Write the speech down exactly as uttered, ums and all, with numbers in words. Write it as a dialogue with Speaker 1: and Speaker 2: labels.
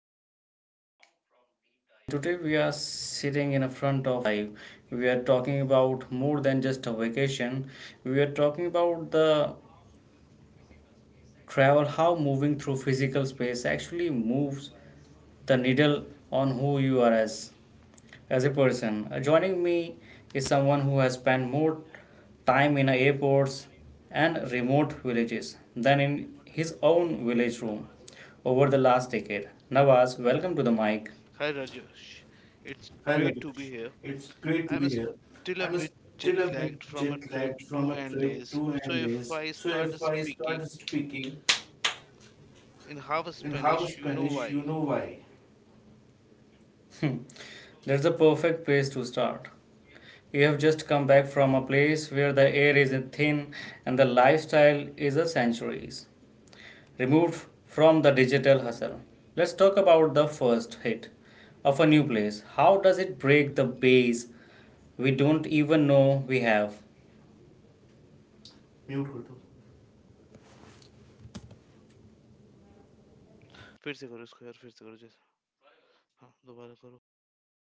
Speaker 1: Rajesh, and today we are sitting in a front of life. We are talking about more than just a vacation. We are talking about the travel, how moving through physical space actually moves the needle on who you are as as a person. Uh, joining me is someone who has spent more time in airports and remote villages than in his own village room over the last decade. Nawaz, welcome to the mic.
Speaker 2: Hi Rajesh,
Speaker 1: Hi
Speaker 2: it's great to
Speaker 1: Rajesh,
Speaker 2: be here.
Speaker 1: it's great to be
Speaker 2: I'm
Speaker 1: here.
Speaker 2: still a
Speaker 1: I'm
Speaker 2: bit jet
Speaker 1: still a bit
Speaker 2: lagged from a
Speaker 1: jet
Speaker 2: trip
Speaker 1: lagged
Speaker 2: to
Speaker 1: from a trip
Speaker 2: Andes,
Speaker 1: to
Speaker 2: so if
Speaker 1: Andes,
Speaker 2: I
Speaker 1: so
Speaker 2: start
Speaker 1: if I start
Speaker 2: speaking
Speaker 1: speaking
Speaker 2: in half
Speaker 1: in half
Speaker 2: Spanish, you know
Speaker 1: Spanish, you
Speaker 2: why.
Speaker 1: know why. Hmm. That's a perfect place to start. You have just come back from a place where the air is thin and the lifestyle is a centuries removed from the digital hustle. Let's talk about the first hit of a new place. How does it break the base we don't even know we have
Speaker 2: फिर से करो इसको यार फिर से करो जैसे हाँ दोबारा करो